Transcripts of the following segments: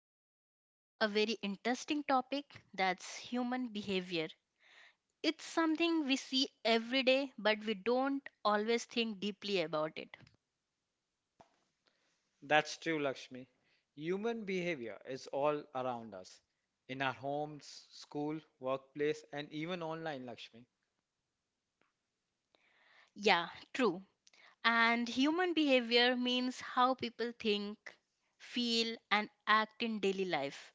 we are talking about a very interesting topic, that's human behavior. It's something we see every day, but we don't always think deeply about it. That's true, Lakshmi. Human behavior is all around us in our homes, school, workplace, and even online, Lakshmi. Yeah, true. And human behavior means how people think, feel, and act in daily life.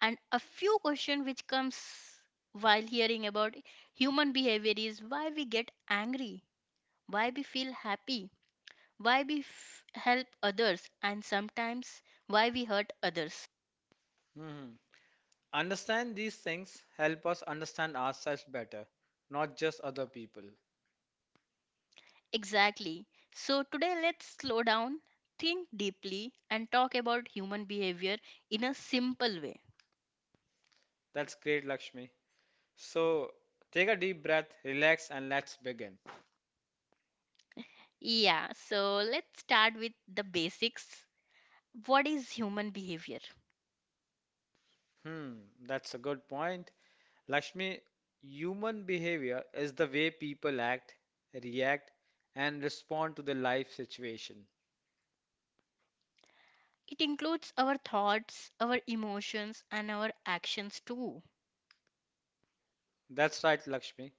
And a few question which comes while hearing about human behavior is why we get angry, why we feel happy, why we help others, and sometimes why we hurt others. Mhm. Understand these things help us understand ourselves better, not just other people. Exactly. So today let's slow down, think deeply, and talk about human behavior in a simple way. That's great, Lakshmi. So, take a deep breath, relax, and let's begin. Yeah, so let's start with the basics. What is human behavior? Hmm, that's a good point. Lakshmi, human behavior is the way people act, react, and respond to the life situation. It includes our thoughts, our emotions, and our actions too. That's right, Lakshmi.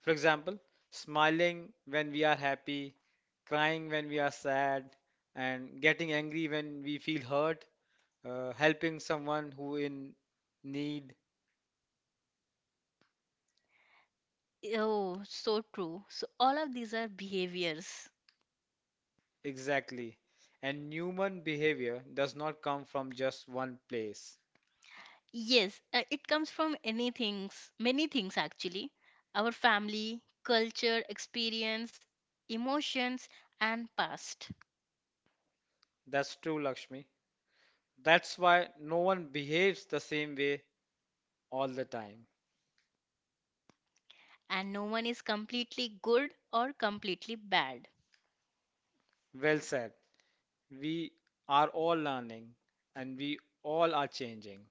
For example, smiling when we are happy, crying when we are sad, and getting angry when we feel hurt, helping someone who in need. Oh, so true. So, all of these are behaviors. Exactly. And human behavior does not come from just one place. Yes, it comes from any things, many things actually. Our family, culture, experience, emotions, and past. That's true, Lakshmi. That's why no one behaves the same way all the time. And no one is completely good or completely bad. Well said. We are all learning and we all are changing.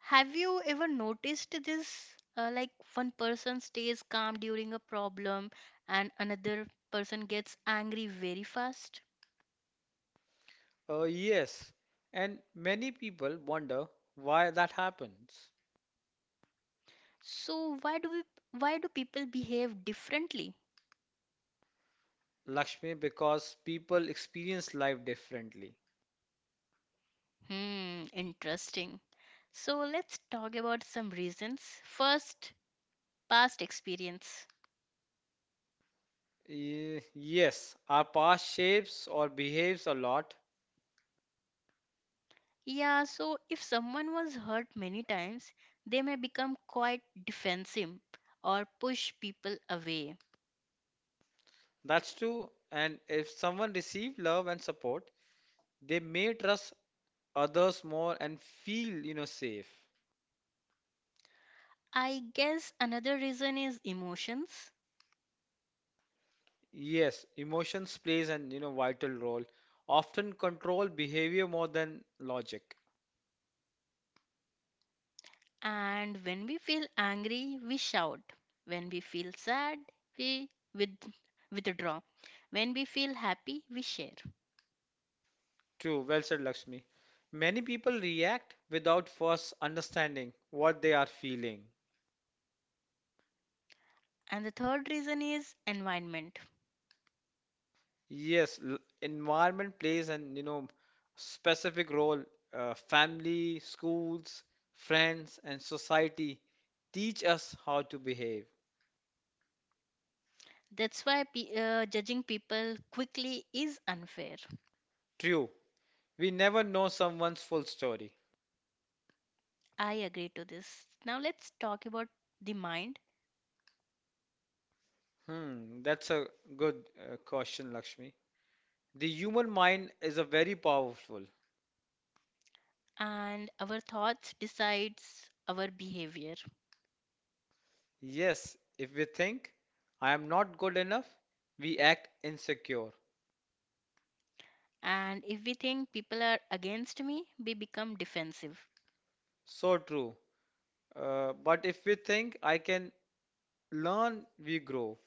Have you ever noticed this? Like one person stays calm during a problem and another person gets angry very fast. Yes, and many people wonder why that happens. So why do we, why do people behave differently? Lakshmi, because people experience life differently. Hmm, interesting. So let's talk about some reasons. First, past experience. Yes, our past shapes or behaves a lot. Yeah, so if someone was hurt many times, they may become quite defensive or push people away. That's true. And if someone receives love and support, they may trust others more and feel, safe. I guess another reason is emotions. Yes, emotions plays an vital role, often control behavior more than logic. And when we feel angry, we shout. When we feel sad, we with, withdraw. When we feel happy, we share. True, well said, Lakshmi. Many people react without first understanding what they are feeling. And the third reason is environment. Yes, environment plays an specific role. Family, schools, friends, and society teach us how to behave. Judging people quickly is unfair. True, we never know someone's full story. I agree to this. Now let's talk about the mind, Hmm, that's a good question, Lakshmi. The human mind is a very powerful. and our thoughts decides our behavior. Yes, if we think I am not good enough, we act insecure. And if we think people are against me, we become defensive. So true. But if we think I can learn, we grow.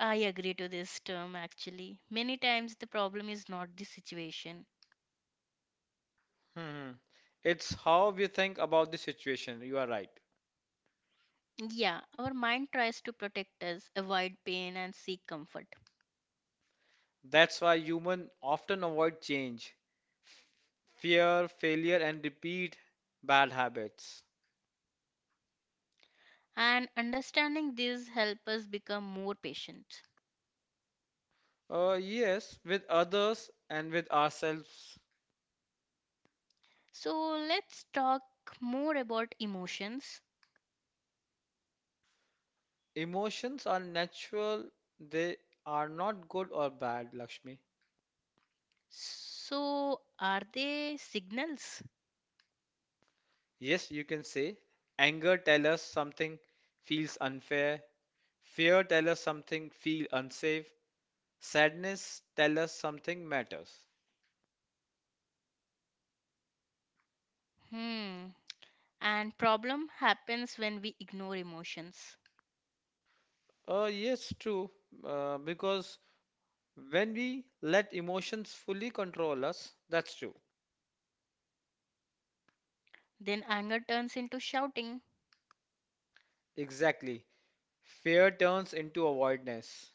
I agree to this term actually. Many times the problem is not the situation. Hmm. It's how we think about the situation. You are right. Yeah, our mind tries to protect us, avoid pain, and seek comfort. That's why humans often avoid change, fear, failure, and repeat bad habits. And understanding this helps us become more patient. Yes, with others and with ourselves. So, let's talk more about emotions. Emotions are natural, they are not good or bad, Lakshmi. So, are they signals? Yes, you can say anger tell us something feels unfair, fear tell us something feel unsafe, sadness tell us something matters. Hmm. And problem happens when we ignore emotions. Yes, true, because when we let emotions fully control us, that's true. Then anger turns into shouting, Exactly. Fear turns into avoidance.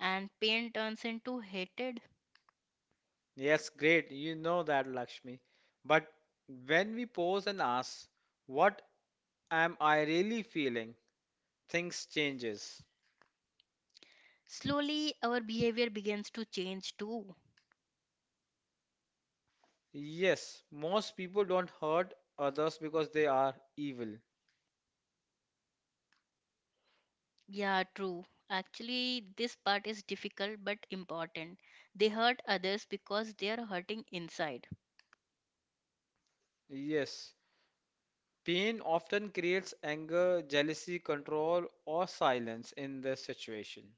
and pain turns into hatred. Yes, great. You know that, Lakshmi. But when we pause and ask, what am I really feeling? Things changes. Slowly, our behavior begins to change too. Yes, most people don't hurt others because they are evil. Yeah, true. Actually, this part is difficult but important. They hurt others because they are hurting inside. Yes. Pain often creates anger, jealousy, control, or silence in the situation.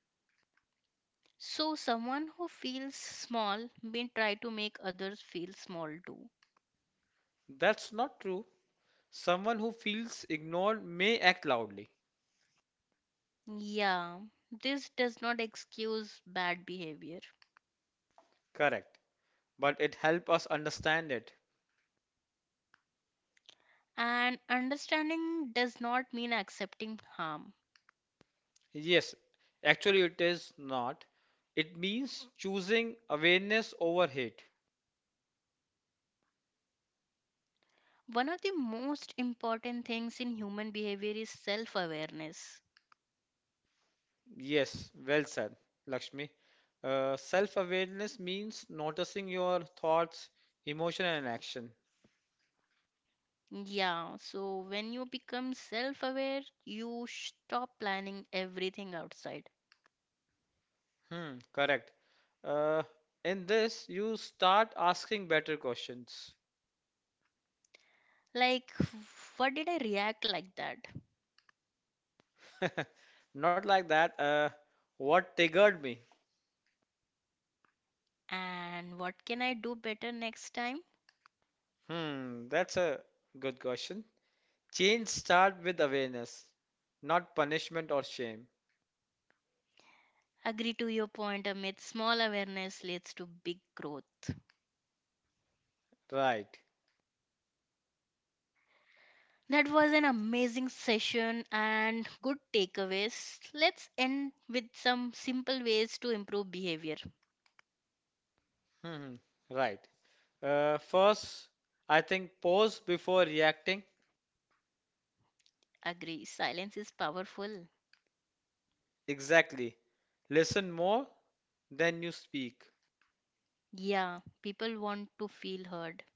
So, someone who feels small may try to make others feel small too. That's not true. Someone who feels ignored may act loudly. Yeah, this does not excuse bad behavior. Correct. But it helps us understand it. And understanding does not mean accepting harm. Yes, actually, it is not. It means choosing awareness over hate. One of the most important things in human behavior is self awareness. Yes, well said, Lakshmi. Self-awareness means noticing your thoughts, emotion, and action. Yeah, so when you become self aware, you stop planning everything outside. Hmm, correct. Uh, in this, you start asking better questions. Like, what did I react like that? Not like that. What triggered me? And what can I do better next time? Hmm, that's a good question. Change start with awareness, not punishment or shame. Agree to your point, Amit. Small awareness leads to big growth. Right. That was an amazing session and good takeaways. Let's end with some simple ways to improve behavior. hmm Right. First, I think pause before reacting. Agree, silence is powerful. Exactly. Listen more than you speak. Yeah, people want to feel heard.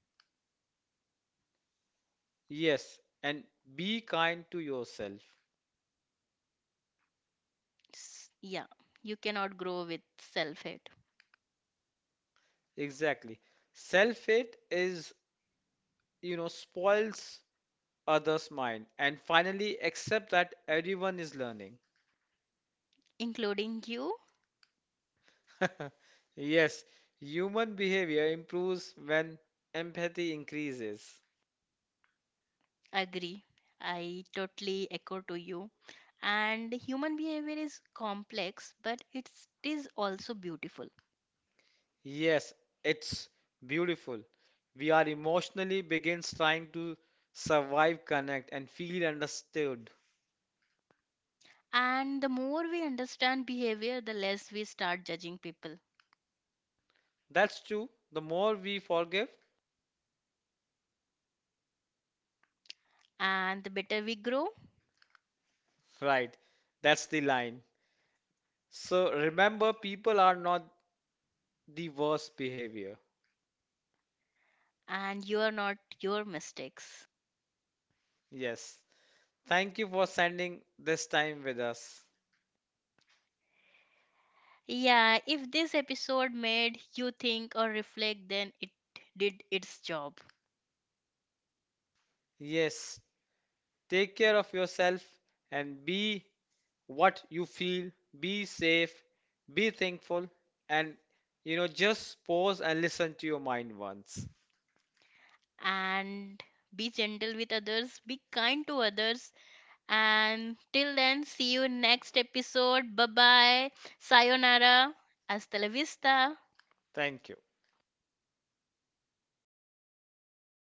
Yes. And be kind to yourself. Yeah, you cannot grow with self hate, Exactly. Self-hate is, spoils others' mind. And finally, accept that everyone is learning. including you. Yes. Human behavior improves when empathy increases. Agree. I totally echo to you. And human behavior is complex, but it is also beautiful. Yes, it's beautiful. We are emotionally begins trying to survive, connect, and feel understood. And the more we understand behavior, the less we start judging people. That's true. The more we forgive, And the better we grow, right? That's the line. So remember, people are not the worst behavior. and you are not your mistakes. Yes. Thank you for spending this time with us. Yeah, if this episode made you think or reflect, then it did its job. Yes. Take care of yourself and be what you feel. Be safe, be thankful, and just pause and listen to your mind once. And be gentle with others, be kind to others. And till then, see you next episode. Bye bye. Sayonara. Hasta la vista. Thank you.